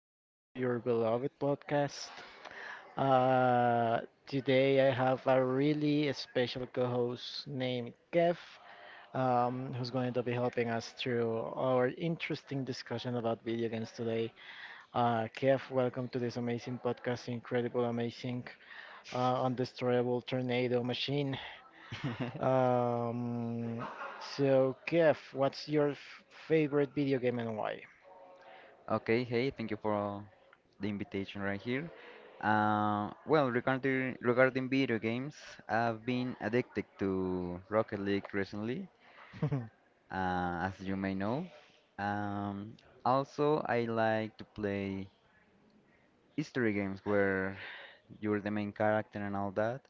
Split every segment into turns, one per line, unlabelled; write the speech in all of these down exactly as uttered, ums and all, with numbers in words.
everyone to your beloved podcast. Uh, Today I have a really special co-host named Kev, um, who's going to be helping us through our interesting discussion about video games today. Uh, Kev, welcome to this amazing podcast, incredible, amazing, uh, undestroyable tornado machine. Um, so Kev, what's your f- favorite video game and why?
Okay, hey, thank you for the invitation right here. Uh, well, regarding regarding video games, I've been addicted to Rocket League recently, uh, as you may know. Um, also, I like to play history games where you're the main character and all that.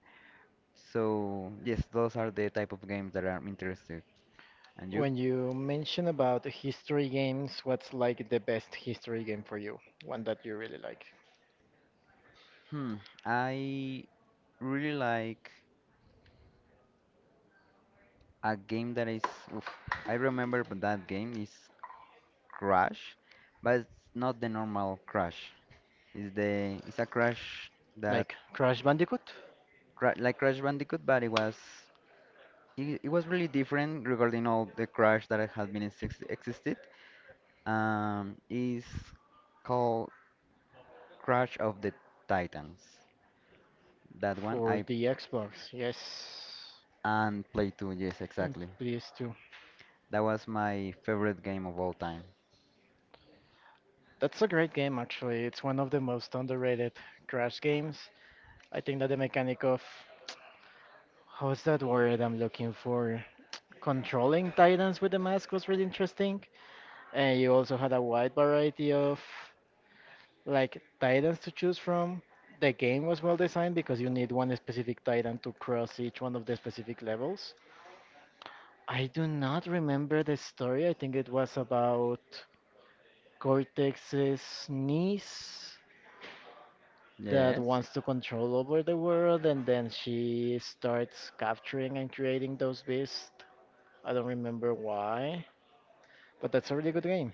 So, yes, those are the type of games that I'm interested. And you?
When you mention about history games, what's like the best history game for you? One that you really like?
Hmm, I really like a game that is. Oof, I remember that game is crash, but it's not the normal crash. It's the it's a crash that
Like Crash Bandicoot?
cra like Crash Bandicoot, but it was it, it was really different regarding all the crash that had been exist existed. Um, is called Crash of the Titans. That one
For
I
the Xbox, yes.
and played too. Yes,
And
exactly.
P S two.
That was my favorite game of all time.
That's a great game, actually. It's one of the most underrated Crash games. I think that the mechanic of, how's that word I'm looking for? Controlling Titans with the mask was really interesting. And you also had a wide variety of like titans to choose from. The game was well designed because you need one specific titan to cross each one of the specific levels. I do not remember the story. I think it was about Cortex's niece that
Yes.
wants to control over the world, and then she starts capturing and creating those beasts. I don't remember why, but that's a really good game.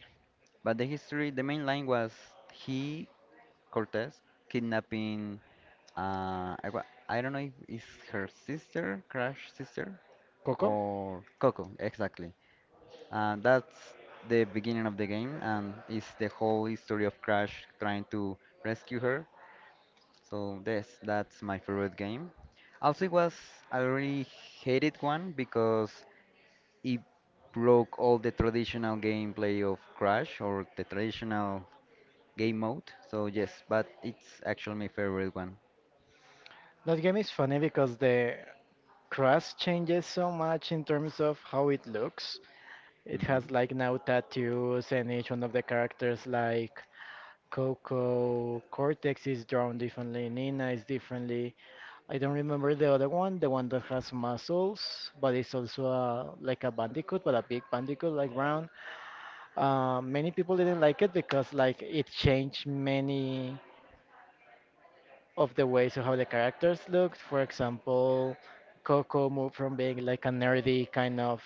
But the history, the main line was he, Cortez, kidnapping, uh, I, wa- I don't know if it's her sister, Crash sister,
Coco?
or Coco, exactly. Uh, that's the beginning of the game, and it's the whole history of Crash trying to rescue her. So this, that's my favorite game. Also, it was I really hated one because it broke all the traditional gameplay of Crash or the traditional game mode. So yes, but it's actually my favorite one.
That game is funny because the crust changes so much in terms of how it looks. It has
Mm-hmm.
like now tattoos, and each one of the characters, like Coco, Cortex is drawn differently, Nina is differently. I don't remember the other one, the one that has muscles, but it's also a, like a bandicoot, but a big bandicoot, like round. Uh, many people didn't like it because like it changed many of the ways of how the characters looked. For example, Coco moved from being like a nerdy kind of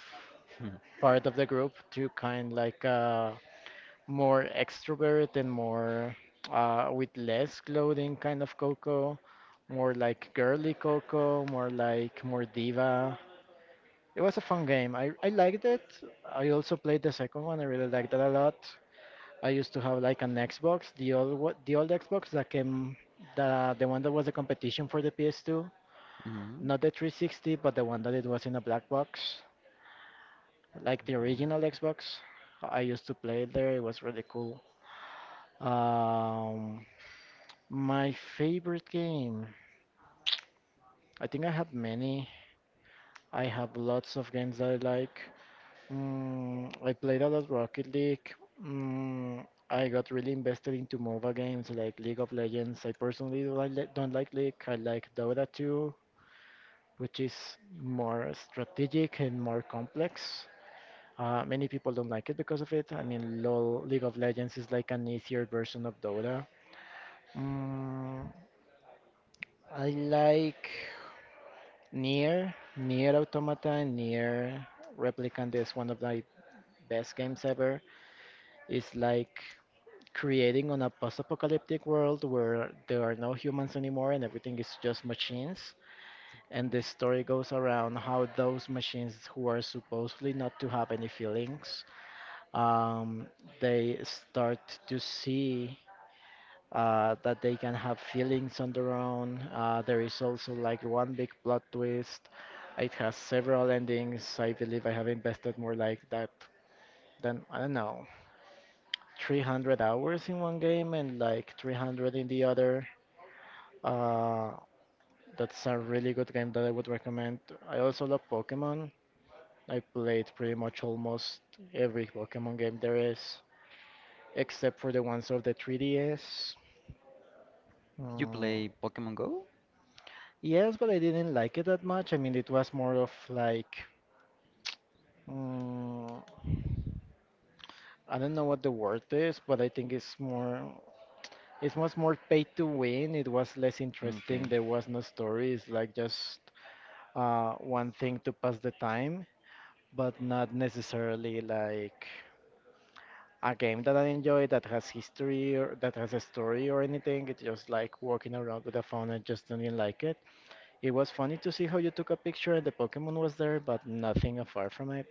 part of the group to kind like a more extrovert and more, uh, with less clothing kind of Coco, more like girly Coco, more like more diva. It was a fun game. I, I liked it. I also played the second one. I really liked that a lot. I used to have like an Xbox, the old wa- the old Xbox that came, the the one that was a competition for the P S two, not the three sixty, but the one that it was in a black box, like the
Okay.
original Xbox. I used to play it there. It was really cool. Um, My favorite game. I think I have many. I have lots of games that I like. Mm, I played a lot Rocket League. Mm, I got really invested into MOBA games like League of Legends. I personally don't like, le- don't like League. I like Dota two, which is more strategic and more complex. Uh, many people don't like it because of it. I mean, LOL, League of Legends is like an easier version of Dota. Mm, I like. Near, Near Automata, Near Replicant is one of my best games ever. It's like creating on a post-apocalyptic world where there are no humans anymore and everything is just machines. And the story goes around how those machines who are supposedly not to have any feelings, um, they start to see, uh, that they can have feelings on their own. Uh, there is also like one big plot twist. It has several endings. I believe I have invested more like that than, I don't know, three hundred hours in one game and like three hundred in the other. Uh, that's a really good game that I would recommend. I also love Pokemon. I played pretty much almost every Pokemon game there is, except for the ones of the three D S.
Did you
Mm.
play Pokemon Go?
Yes, but I didn't like it that much. I mean, it was more of like, mm, I don't know what the word is, but I think it's more, it was more paid to win. It was less interesting.
Okay.
There was no story. It's like just, uh, one thing to pass the time, but not necessarily like a game that I enjoy that has history or that has a story or anything. It's just like walking around with a phone. I just didn't like it. It was funny to see how you took a picture and the Pokemon was there, but nothing apart from it.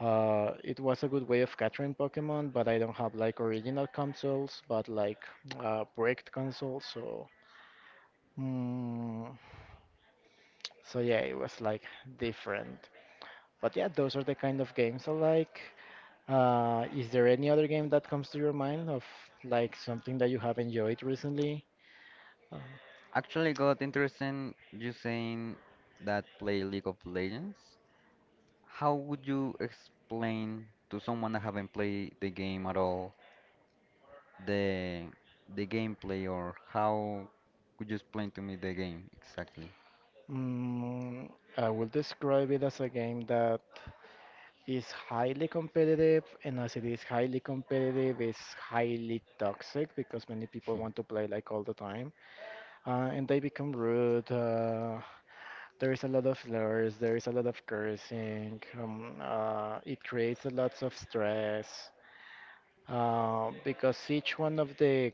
Uh, it was a good way of capturing Pokemon, but I don't have like original consoles, but like, uh, bricked consoles. So, mm, so yeah, it was like different. But yeah, those are the kind of games I like. Uh, is there any other game that comes to your mind of like something that you have enjoyed recently?
Actually got interesting you saying that play League of Legends. How would you explain to someone that haven't played the game at all the the gameplay, or how could you explain to me the game exactly?
Mm, I will describe it as a game that is highly competitive, and as it is highly competitive, it's highly toxic because many people want to play like all the time, uh, and they become rude. Uh, there is a lot of slurs, there is a lot of cursing. Um, uh, it creates a lot of stress, uh, because each one of the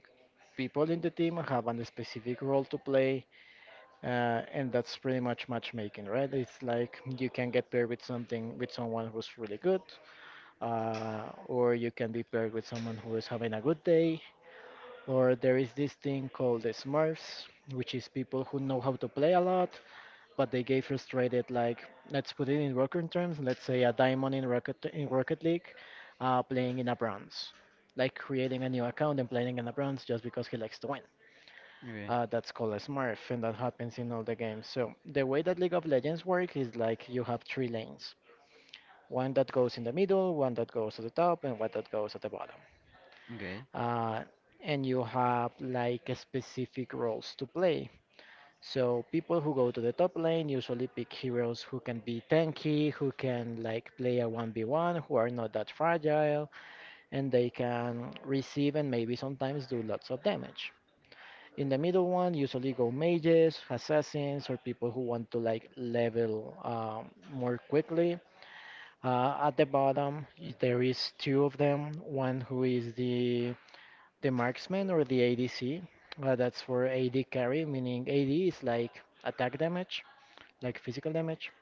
people in the team have a specific role to play, uh, and that's pretty much matchmaking, right? It's like you can get paired with something with someone who's really good, uh, or you can be paired with someone who is having a good day. Or there is this thing called the Smurfs, which is people who know how to play a lot, but they get frustrated. Like let's put it in rocket terms. Let's say a diamond in rocket in Rocket League, uh, playing in a bronze, like creating a new account and playing in a bronze just because he likes to win.
Okay.
Uh, that's called a Smurf, and that happens in all the games. So the way that League of Legends work is like you have three lanes. One that goes in the middle, one that goes at the top, and one that goes at the bottom.
Okay.
uh, and you have like a specific roles to play. So people who go to the top lane usually pick heroes who can be tanky, who can like play a one v one, who are not that fragile, and they can receive and maybe sometimes do lots of damage. In the middle one, usually go mages, assassins, or people who want to like level, um, more quickly. Uh, at the bottom, y- there is two of them. One who is the the marksman or the A D C. Uh, that's for A D carry, meaning A D is like attack damage, like physical damage.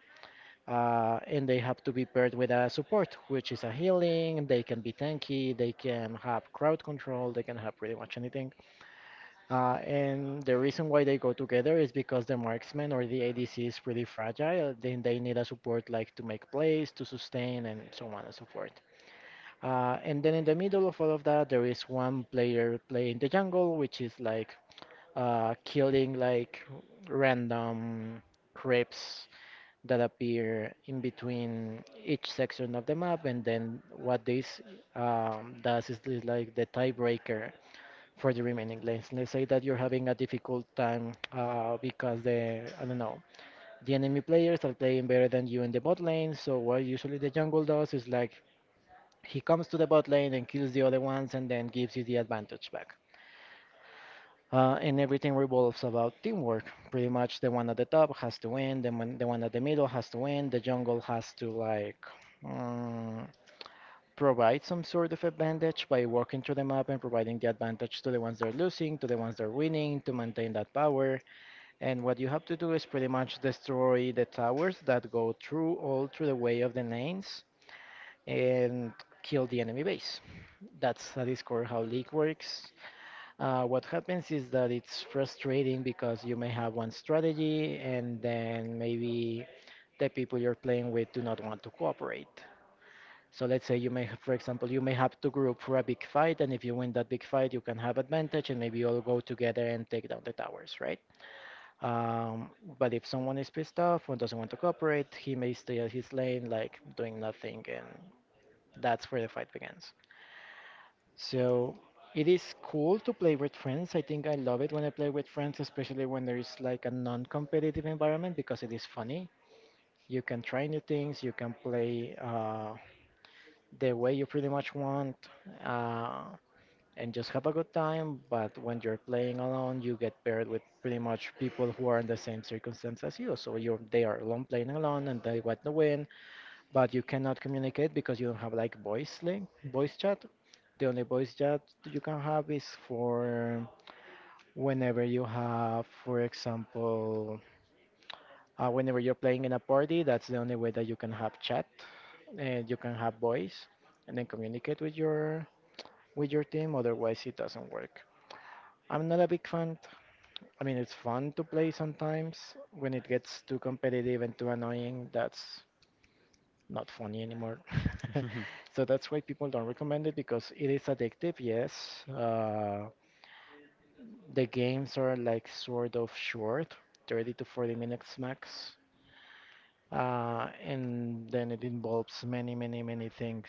Uh, and they have to be paired with a support, which is a healing. They can be tanky, they can have crowd control, they can have pretty much anything. Uh, and the reason why they go together is because the marksman or the A D C is pretty fragile. Then they need a support like to make plays, to sustain, and so on and so forth. Uh, and then in the middle of all of that, there is one player playing the jungle, which is like, uh, killing like random creeps that appear in between each section of the map, and then what this, um, does is this, like the tiebreaker for the remaining lanes. Let's say that you're having a difficult time, uh, because the, I don't know, the enemy players are playing better than you in the bot lane. So what usually the jungle does is like he comes to the bot lane and kills the other ones, and then gives you the advantage back. Uh, and everything revolves about teamwork. Pretty much, the one at the top has to win, the one, the one at the middle has to win, the jungle has to like, mm, provide some sort of advantage by walking through the map and providing the advantage to the ones they're losing, to the ones they're winning, to maintain that power. And what you have to do is pretty much destroy the towers that go through all through the way of the lanes and kill the enemy base. That's at Discord how League works. Uh, what happens is that it's frustrating because you may have one strategy and then maybe the people you're playing with do not want to cooperate. So let's say you may have, for example, you may have to group for a big fight, and if you win that big fight, you can have advantage, and maybe you all go together and take down the towers, right? Um, but if someone is pissed off or doesn't want to cooperate, he may stay at his lane, like doing nothing, and that's where the fight begins. So it is cool to play with friends. I think I love it when I play with friends, especially when there is like a non-competitive environment because it is funny. You can try new things, you can play, uh, the way you pretty much want, uh, and just have a good time. But when you're playing alone, you get paired with pretty much people who are in the same circumstance as you. So you're they are alone playing alone, and they want to win, but you cannot communicate because you don't have like voice link, voice chat. The only voice chat you can have is for whenever you have, for example, uh, whenever you're playing in a party. That's the only way that you can have chat, and you can have voice, and then communicate with your with your team. Otherwise, it doesn't work. I'm not a big fan. I mean, it's fun to play sometimes. When it gets too competitive and too annoying, that's not funny anymore. So that's why people don't recommend it because it is addictive, yes. Uh, the games are like sort of short, thirty to forty minutes max. Uh, and then it involves many, many, many things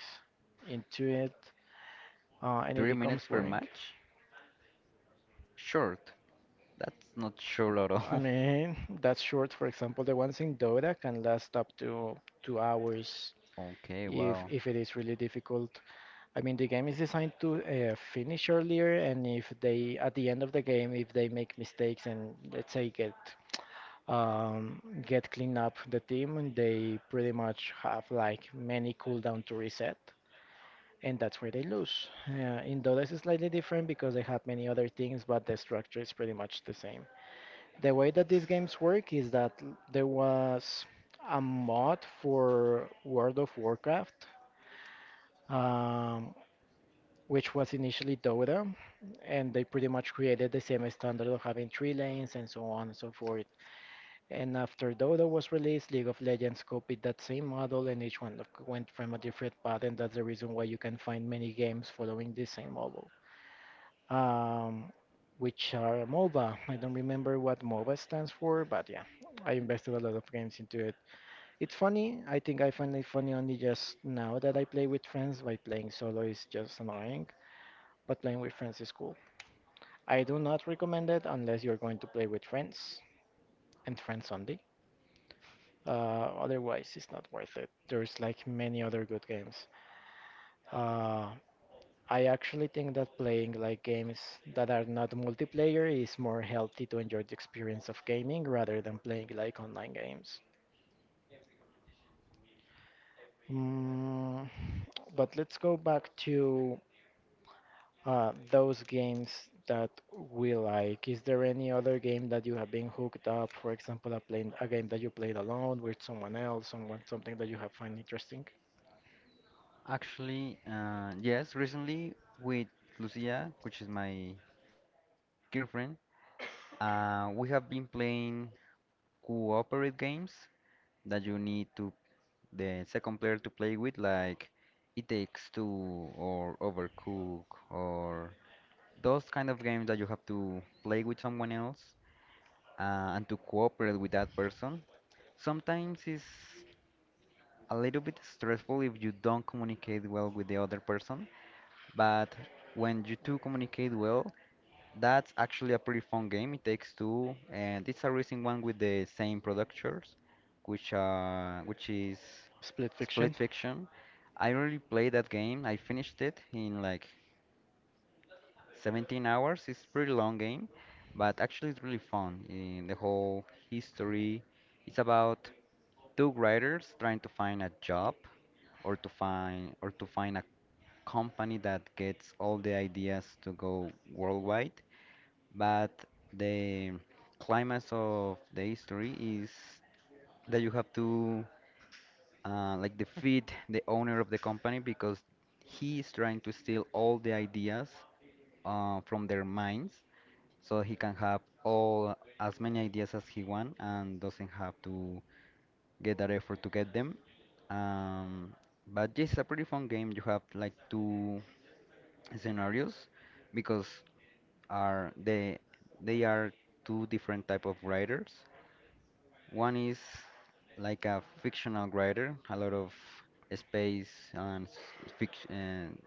into it. Uh, and it
Three
becomes
minutes per
boring.
match? Short. That's not short at
I
all.
mean, that's short. For example, the ones in Dota can last up to two hours
Okay,
if
wow.
if it is really difficult. I mean, the game is designed to uh, finish earlier, and if they, at the end of the game, if they make mistakes and let's say get um, get clean up the team, and they pretty much have like many cooldown to reset, and that's where they lose. Uh, in Dota, it's slightly different because they have many other things, but the structure is pretty much the same. The way that these games work is that l- there was a mod for World of Warcraft. Um, which was initially Dota, and they pretty much created the same standard of having three lanes and so on and so forth. And after Dota was released, League of Legends copied that same model, and each one like, went from a different path, and that's the reason why you can find many games following this same model. Um, which are MOBA. I don't remember what MOBA stands for, but yeah, I invested a lot of games into it. It's funny. I think I find it funny only just now that I play with friends. By playing solo is just annoying, but playing with friends is cool. I do not recommend it unless you're going to play with friends and friends only. Uh, otherwise, it's not worth it. There's like many other good games. Uh, I actually think that playing like games that are not multiplayer is more healthy to enjoy the experience of gaming rather than playing like online games. Mm, but let's go back to Uh, those games that we like, is there any other game that you have been hooked up? For example, a playing a game that you played alone with someone else, someone something that you have find interesting?
Actually, uh, yes, recently with Lucia, which is my girlfriend, uh, we have been playing cooperative games that you need to the second player to play with, like It Takes Two or Overcook or those kind of games that you have to play with someone else uh, and to cooperate with that person. Sometimes it's a little bit stressful if you don't communicate well with the other person, but when you two communicate well, that's actually a pretty fun game. It takes two, and it's a recent one with the same producers, which uh, which is
Split Fiction.
Split Fiction. I really played that game. I finished it in like seventeen hours. It's pretty long game, but actually it's really fun. In the whole history, it's about two writers trying to find a job or to find or to find a company that gets all the ideas to go worldwide, but the climax of the history is that you have to uh, like defeat the owner of the company because he is trying to steal all the ideas uh, from their minds so he can have all as many ideas as he want and doesn't have to get that effort to get them, um, but yeah, it's a pretty fun game. You have like two scenarios because are they they are two different type of writers. One is like a fictional writer, a lot of space and s- fic- and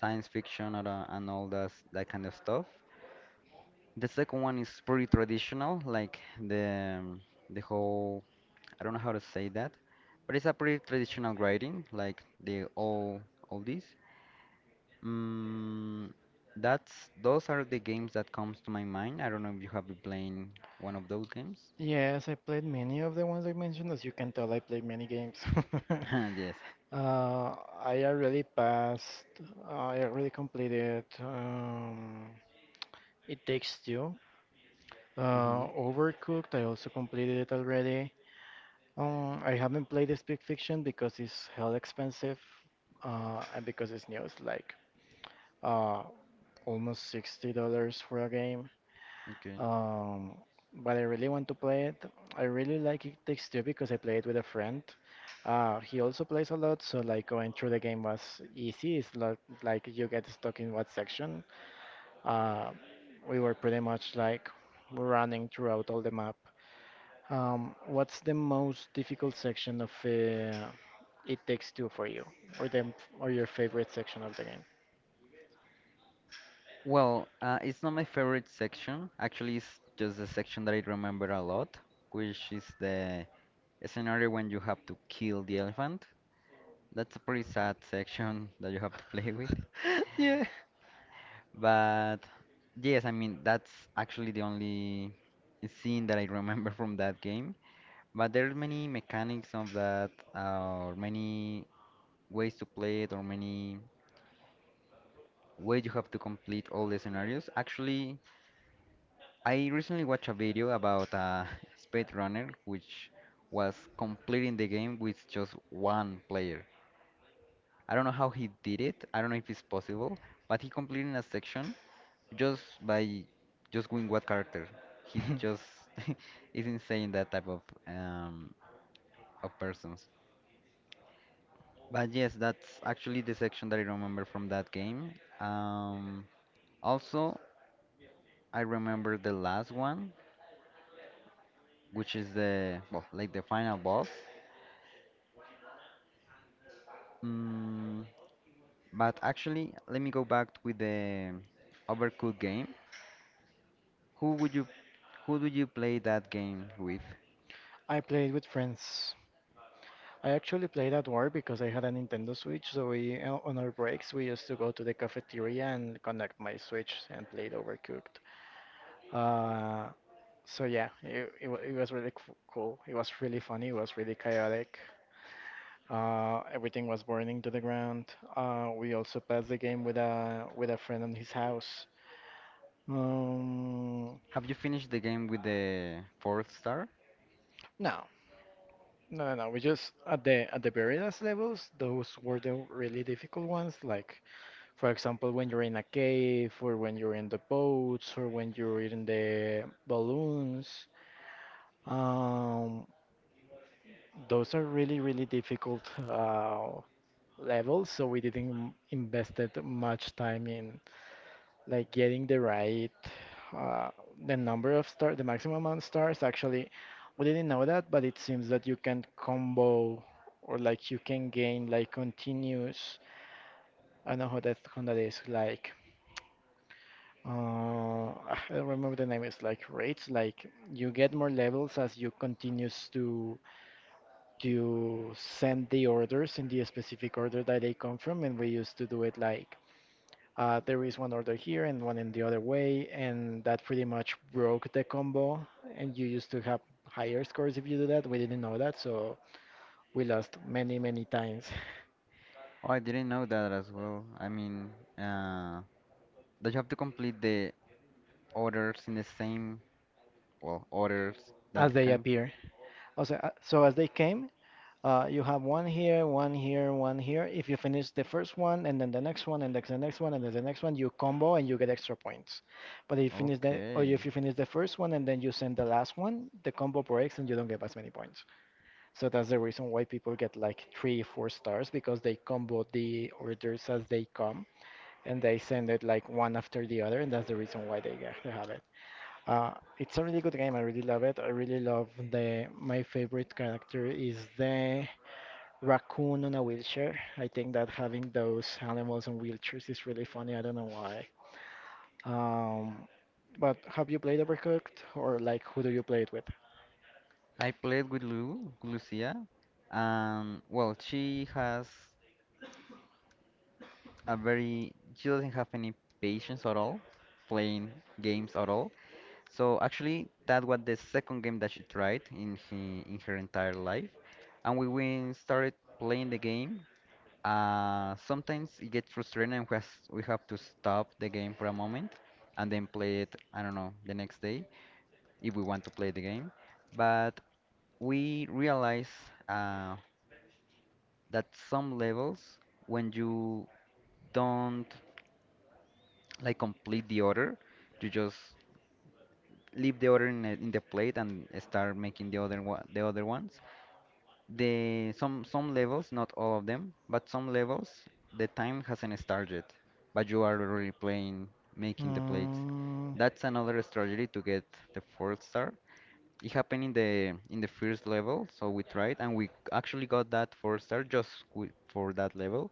science fiction and, uh, and all that that kind of stuff. The second one is pretty traditional, like the um, the whole I don't know how to say that, but it's a pretty traditional writing, like the all all these. Mm, that's those are the games that comes to my mind. I don't know if you have been playing one of those games.
Yes, I played many of the ones I mentioned. As you can tell, I played many games.
Yes.
Uh, I already passed. I already completed. Um, it takes two.
hmm
Uh, Overcooked. I also completed it already. Um, I haven't played this Big Fiction because it's hell expensive, uh, and because it's new. It's like uh, almost sixty dollars for a game.
Okay.
Um, but I really want to play it. I really like It Takes Two because I played with a friend. Uh, he also plays a lot, so like going through the game was easy. It's not like you get stuck in what section. Uh, we were pretty much like running throughout all the map. Um, what's the most difficult section of uh, It Takes Two for you, or them, or your favorite section of the game?
Well, uh, it's not my favorite section. Actually, it's just the section that I remember a lot, which is the scenario when you have to kill the elephant. That's a pretty sad section that you have to play with.
Yeah.
But yes, I mean, that's actually the only scene that I remember from that game. But there are many mechanics of that, uh, or many ways to play it, or many ways you have to complete all the scenarios. Actually, I recently watched a video about a speed runner which was completing the game with just one player. I don't know how he did it. I don't know if it's possible, but he completed a section just by just going what character. He just is insane that type of um, of persons. But yes, that's actually the section that I remember from that game. Um, also, I remember the last one, which is the well, like the final boss. Mm, but actually, let me go back with the Overcooked game. Who would you who do you play that game with?
I played with friends. I actually played at work because I had a Nintendo Switch, so we uh, on our breaks we used to go to the cafeteria and connect my Switch and played Overcooked. Uh, so yeah, it, it, wa- it was really c cool. It was really funny. It was really chaotic. Uh, everything was burning to the ground. Uh, we also passed the game with a with a friend in his house. Um,
Have you finished the game with the fourth star?
no, no, no, no. We just at the at the very last levels, those were the really difficult ones. Like for example, when you're in a cave, or when you're in the boats, or when you're in the balloons. Um, those are really really difficult uh, levels. So we didn't invested much time in like getting the right uh, the number of stars, the maximum amount of stars. Actually, we didn't know that, but it seems that you can combo or like you can gain like continuous. I don't know how that how that is like. Uh, I don't remember the name. It's like rates. Like you get more levels as you continues to to send the orders in the specific order that they come from, and we used to do it like Uh, there is one order here and one in the other way, and that pretty much broke the combo. And you used to have higher scores if you do that. We didn't know that, so we lost many, many times
Oh, I didn't know that as well. I mean, uh, that you have to complete the orders in the same, well, orders
as
that
they
can.
appear. Also, uh, so as they came, uh, you have one here, one here, one here. If you finish the first one, and then the next one, and then the next one, and then the next one, you combo and you get extra points. But if you finish the, or if
Okay.
you finish the first one and then you send the last one, the combo breaks and you don't get as many points. So that's the reason why people get like three, four stars because they combo the orders as they come and they send it like one after the other, and that's the reason why they get they have it. Uh, it's a really good game. I really love it. I really love the. My favorite character is the raccoon on a wheelchair. I think that having those animals on wheelchairs is really funny. I don't know why. Um, but have you played Overcooked or like who do you play it with?
I played with Lu, Lucia, and well, she has a very, she doesn't have any patience at all playing games at all. So actually, that was the second game that she tried in he, in her entire life, and we, we started playing the game. Uh, sometimes it gets frustrating, and we has, we have to stop the game for a moment, and then play it. I don't know the next day if we want to play the game. But we realize uh, that some levels, when you don't like complete the order, you just leave the order in, the- in the plate and start making the other one, the other ones the some some levels, not all of them, but some levels, the time hasn't started, but you are already playing, making the plates.
Mm,
That's another strategy to get the fourth star. It happened in the in the first level, so we tried and we actually got that four star just wi- for that level.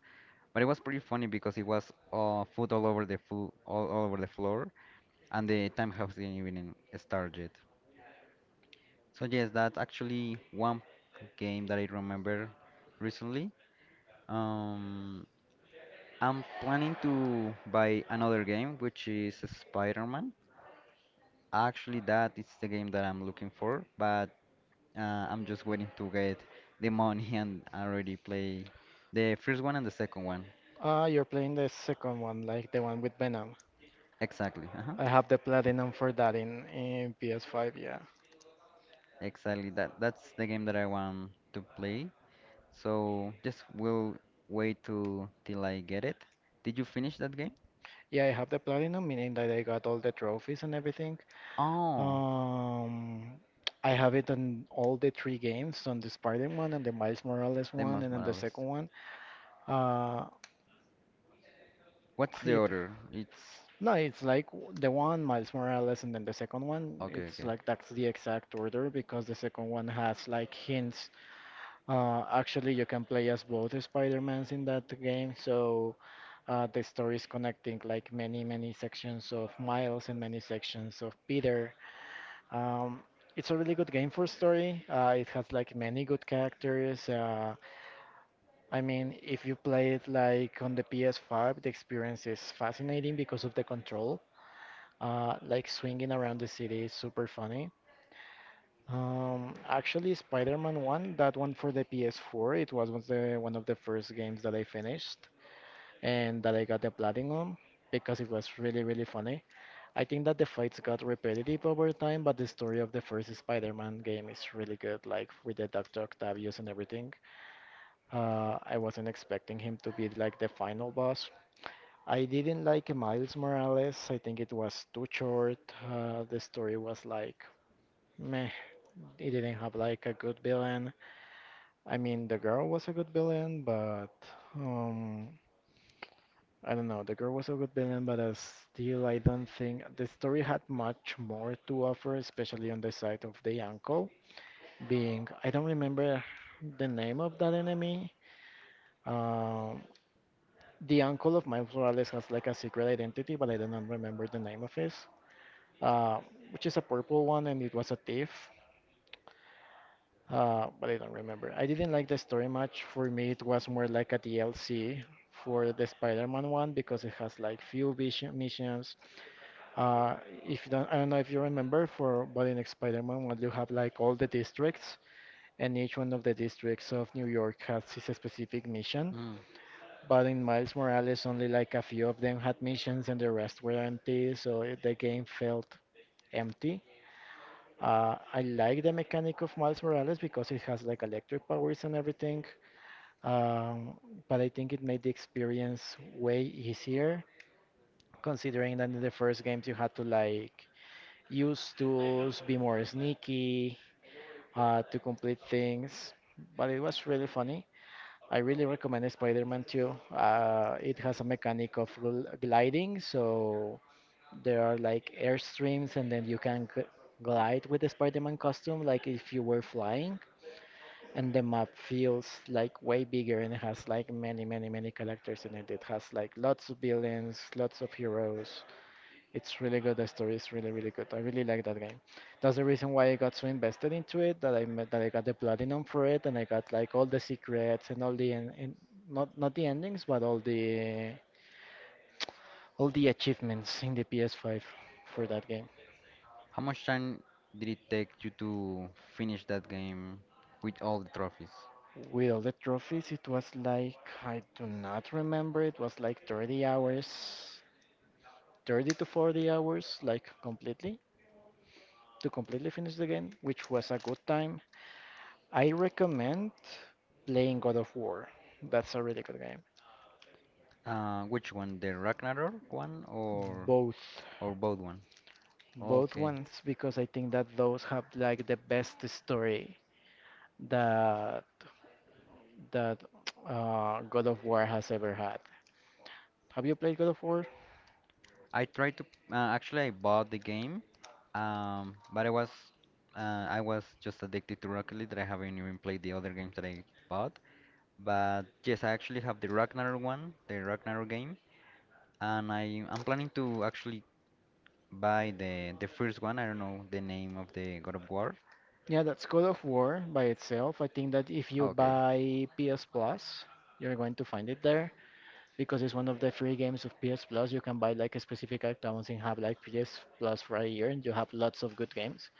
But it was pretty funny because it was uh, food all over the food all, all over the floor, and the time hasn't even started. So yes, that's actually one game that I remember recently. Um, I'm planning to buy another game, which is Spider-Man. Actually, that is the game that I'm looking for, but uh, I'm just waiting to get the money and already play the first one and the second one.
ah, you're playing the second one, like the one with Venom.
Exactly. Uh-huh.
I have the platinum for that in, in P S five, yeah.
Exactly. That that's the game that I want to play. So just will wait to till I get it. Did you finish that game?
Yeah, I have the platinum, meaning that I got all the trophies and everything.
Oh,
Um, I have it on all the three games, on the spider one, and the Miles Morales
the
one,
Miles
and then the
Morales.
second one. Uh,
What's the
it,
order? It's
no, it's like w- the one, Miles Morales, and then the second one.
Okay,
It's
okay.
like that's the exact order because the second one has like hints. Uh, actually, you can play as both Spider-Mans in that game, so uh, the story is connecting like many, many sections of Miles and many sections of Peter. Um, it's a really good game for story. Uh, it has like many good characters. Uh, I mean, if you play it like on the P S five, the experience is fascinating because of the control. Uh, like swinging around the city is super funny. Um, actually, Spider-Man one, that one for the P S four, it was, was the, one of the first games that I finished and that I got the platinum because it was really, really funny. I think that the fights got repetitive over time, but the story of the first Spider-Man game is really good, like with the doctor Octavius and everything. Uh, I wasn't expecting him to be like the final boss. I didn't like Miles Morales. I think it was too short. Uh, the story was like meh. It didn't have like a good villain. I mean, the girl was a good villain, but um, I don't know. The girl was a good villain, but uh, still, I don't think the story had much more to offer, especially on the side of the uncle. Being, I don't remember the name of that enemy. Um, the uncle of Miles Morales has like a secret identity, but I do not remember the name of his. Uh, which is a purple one, and it was a thief. Uh, but I don't remember. I didn't like the story much. For me, it was more like a D L C for the Spider-Man one because it has like few vision missions. Uh, if you don't, I don't know if you remember for but in Spider-Man one, you have like all the districts, and each one of the districts of New York has its specific mission.
Mm.
But in Miles Morales, only like a few of them had missions, and the rest were empty. So it- the game felt empty. Uh, I like the mechanic of Miles Morales because it has like electric powers and everything, um, but I think it made the experience way easier, considering that in the first games you had to like use tools, be more sneaky, uh, to complete things. But it was really funny. I really recommend Spider-Man two. Uh, it has a mechanic of gl- gliding, so there are like airstreams, and then you can g glide with the Spider-Man costume, like if you were flying. And the map feels like way bigger, and it has like many many many characters in it. It has like lots of villains, lots of heroes. It's really good. The story is really really good. I really like that game. That's the reason why I got so invested into it, that i met, that I got the platinum for it, and I got like all the secrets and all the en- en- not not the endings, but all the all the achievements in the P S five for that game.
How much time did it take you to finish that game with all the trophies?
With all the trophies, it was like, I do not remember, it was like thirty hours, thirty to forty hours, like completely, to completely finish the game, which was a good time. I recommend playing God of War. That's a really good game.
Uh, which one, the Ragnarok one, or
Both,
or both one?
both
Okay.
ones, because I think that those have like the best story that that uh, God of War has ever had. Have you played God of War?
I tried to, uh, actually I bought the game, um, but I was uh, I was just addicted to Rocket League that I haven't even played the other games that I bought. But yes, I actually have the Ragnarok one, the Ragnarok game, and I I'm planning to actually by the the first one. I don't know the name of the God of War.
Yeah, that's God of War by itself. I think that if you
Oh, okay.
buy P S Plus, you're going to find it there, because it's one of the free games of P S Plus. You can buy like a specific accounts and have like P S Plus for a year, and you have lots of good games.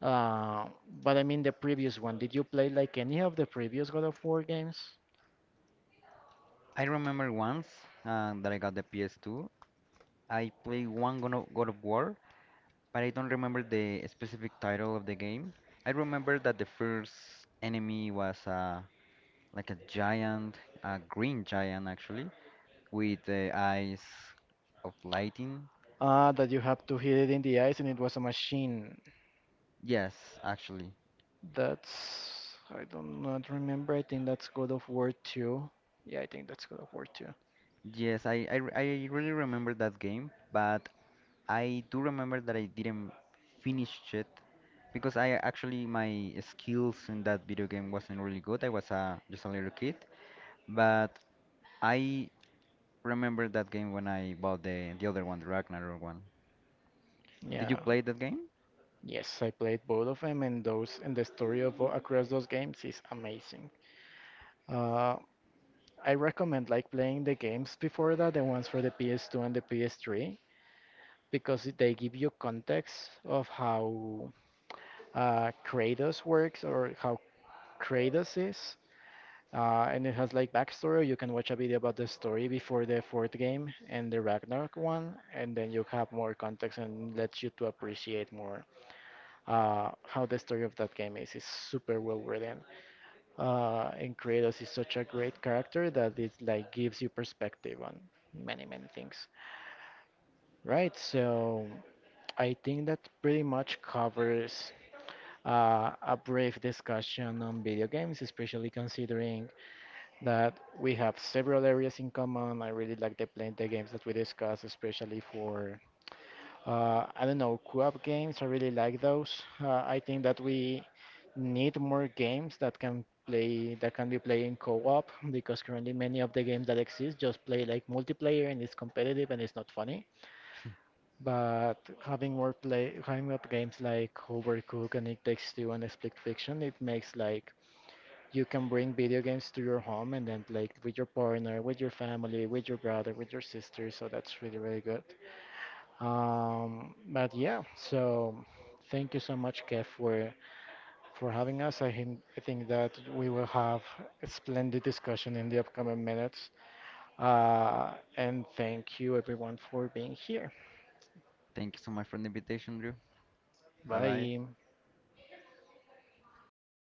Uh, but I mean the previous one. Did you play like any of the previous God of War games?
I remember once uh, that I got the P S two. I played one God of, God of War, but I don't remember the specific title of the game. I remember that the first enemy was uh, like a giant, a green giant actually, with the eyes of lightning.
Ah, that you have to hit it in the eyes, and it was a machine.
Yes, actually.
That's, I don't not remember. I think that's God of War two. Yeah, I think that's God of War two.
Yes, I, I, re- I really remember that game, but I do remember that I didn't finish it because I actually my skills in that video game wasn't really good. I was a just a little kid, but I remember that game when I bought the the other one, the Ragnarok one. Did you
Yeah.
play that game?
Yes, I played both of them, and those, and the story of across those games is amazing. Uh, I recommend like playing the games before that, the ones for the P S two and the P S three, because it- they give you context of how uh, Kratos works, or how Kratos is. Uh, and it has like backstory. You can watch a video about the story before the fourth game and the Ragnarok one, and then you have more context and lets you to appreciate more uh, how the story of that game is. It's super well written. Uh, and Kratos is such a great character that it like gives you perspective on many, many things. Right, so I think that pretty much covers uh, a brief discussion on video games, especially considering that we have several areas in common. I really like the playing the games that we discuss, especially for Uh, I don't know, co-op games, I really like those. Uh, I think that we need more games that can play that can be played in co-op, because currently many of the games that exist just play like multiplayer, and it's competitive, and it's not funny. But having more play having up games like Overcooked and It Takes Two and Split Fiction, it makes like you can bring video games to your home and then play with your partner, with your family, with your brother, with your sister. So that's really really good. Um, but yeah, so thank you so much, Kev, for for having us. I think I think that we will have a splendid discussion in the upcoming minutes. Uh, and thank you everyone for being here.
Thank you so much for the invitation, Drew. Bye bye.
Bye.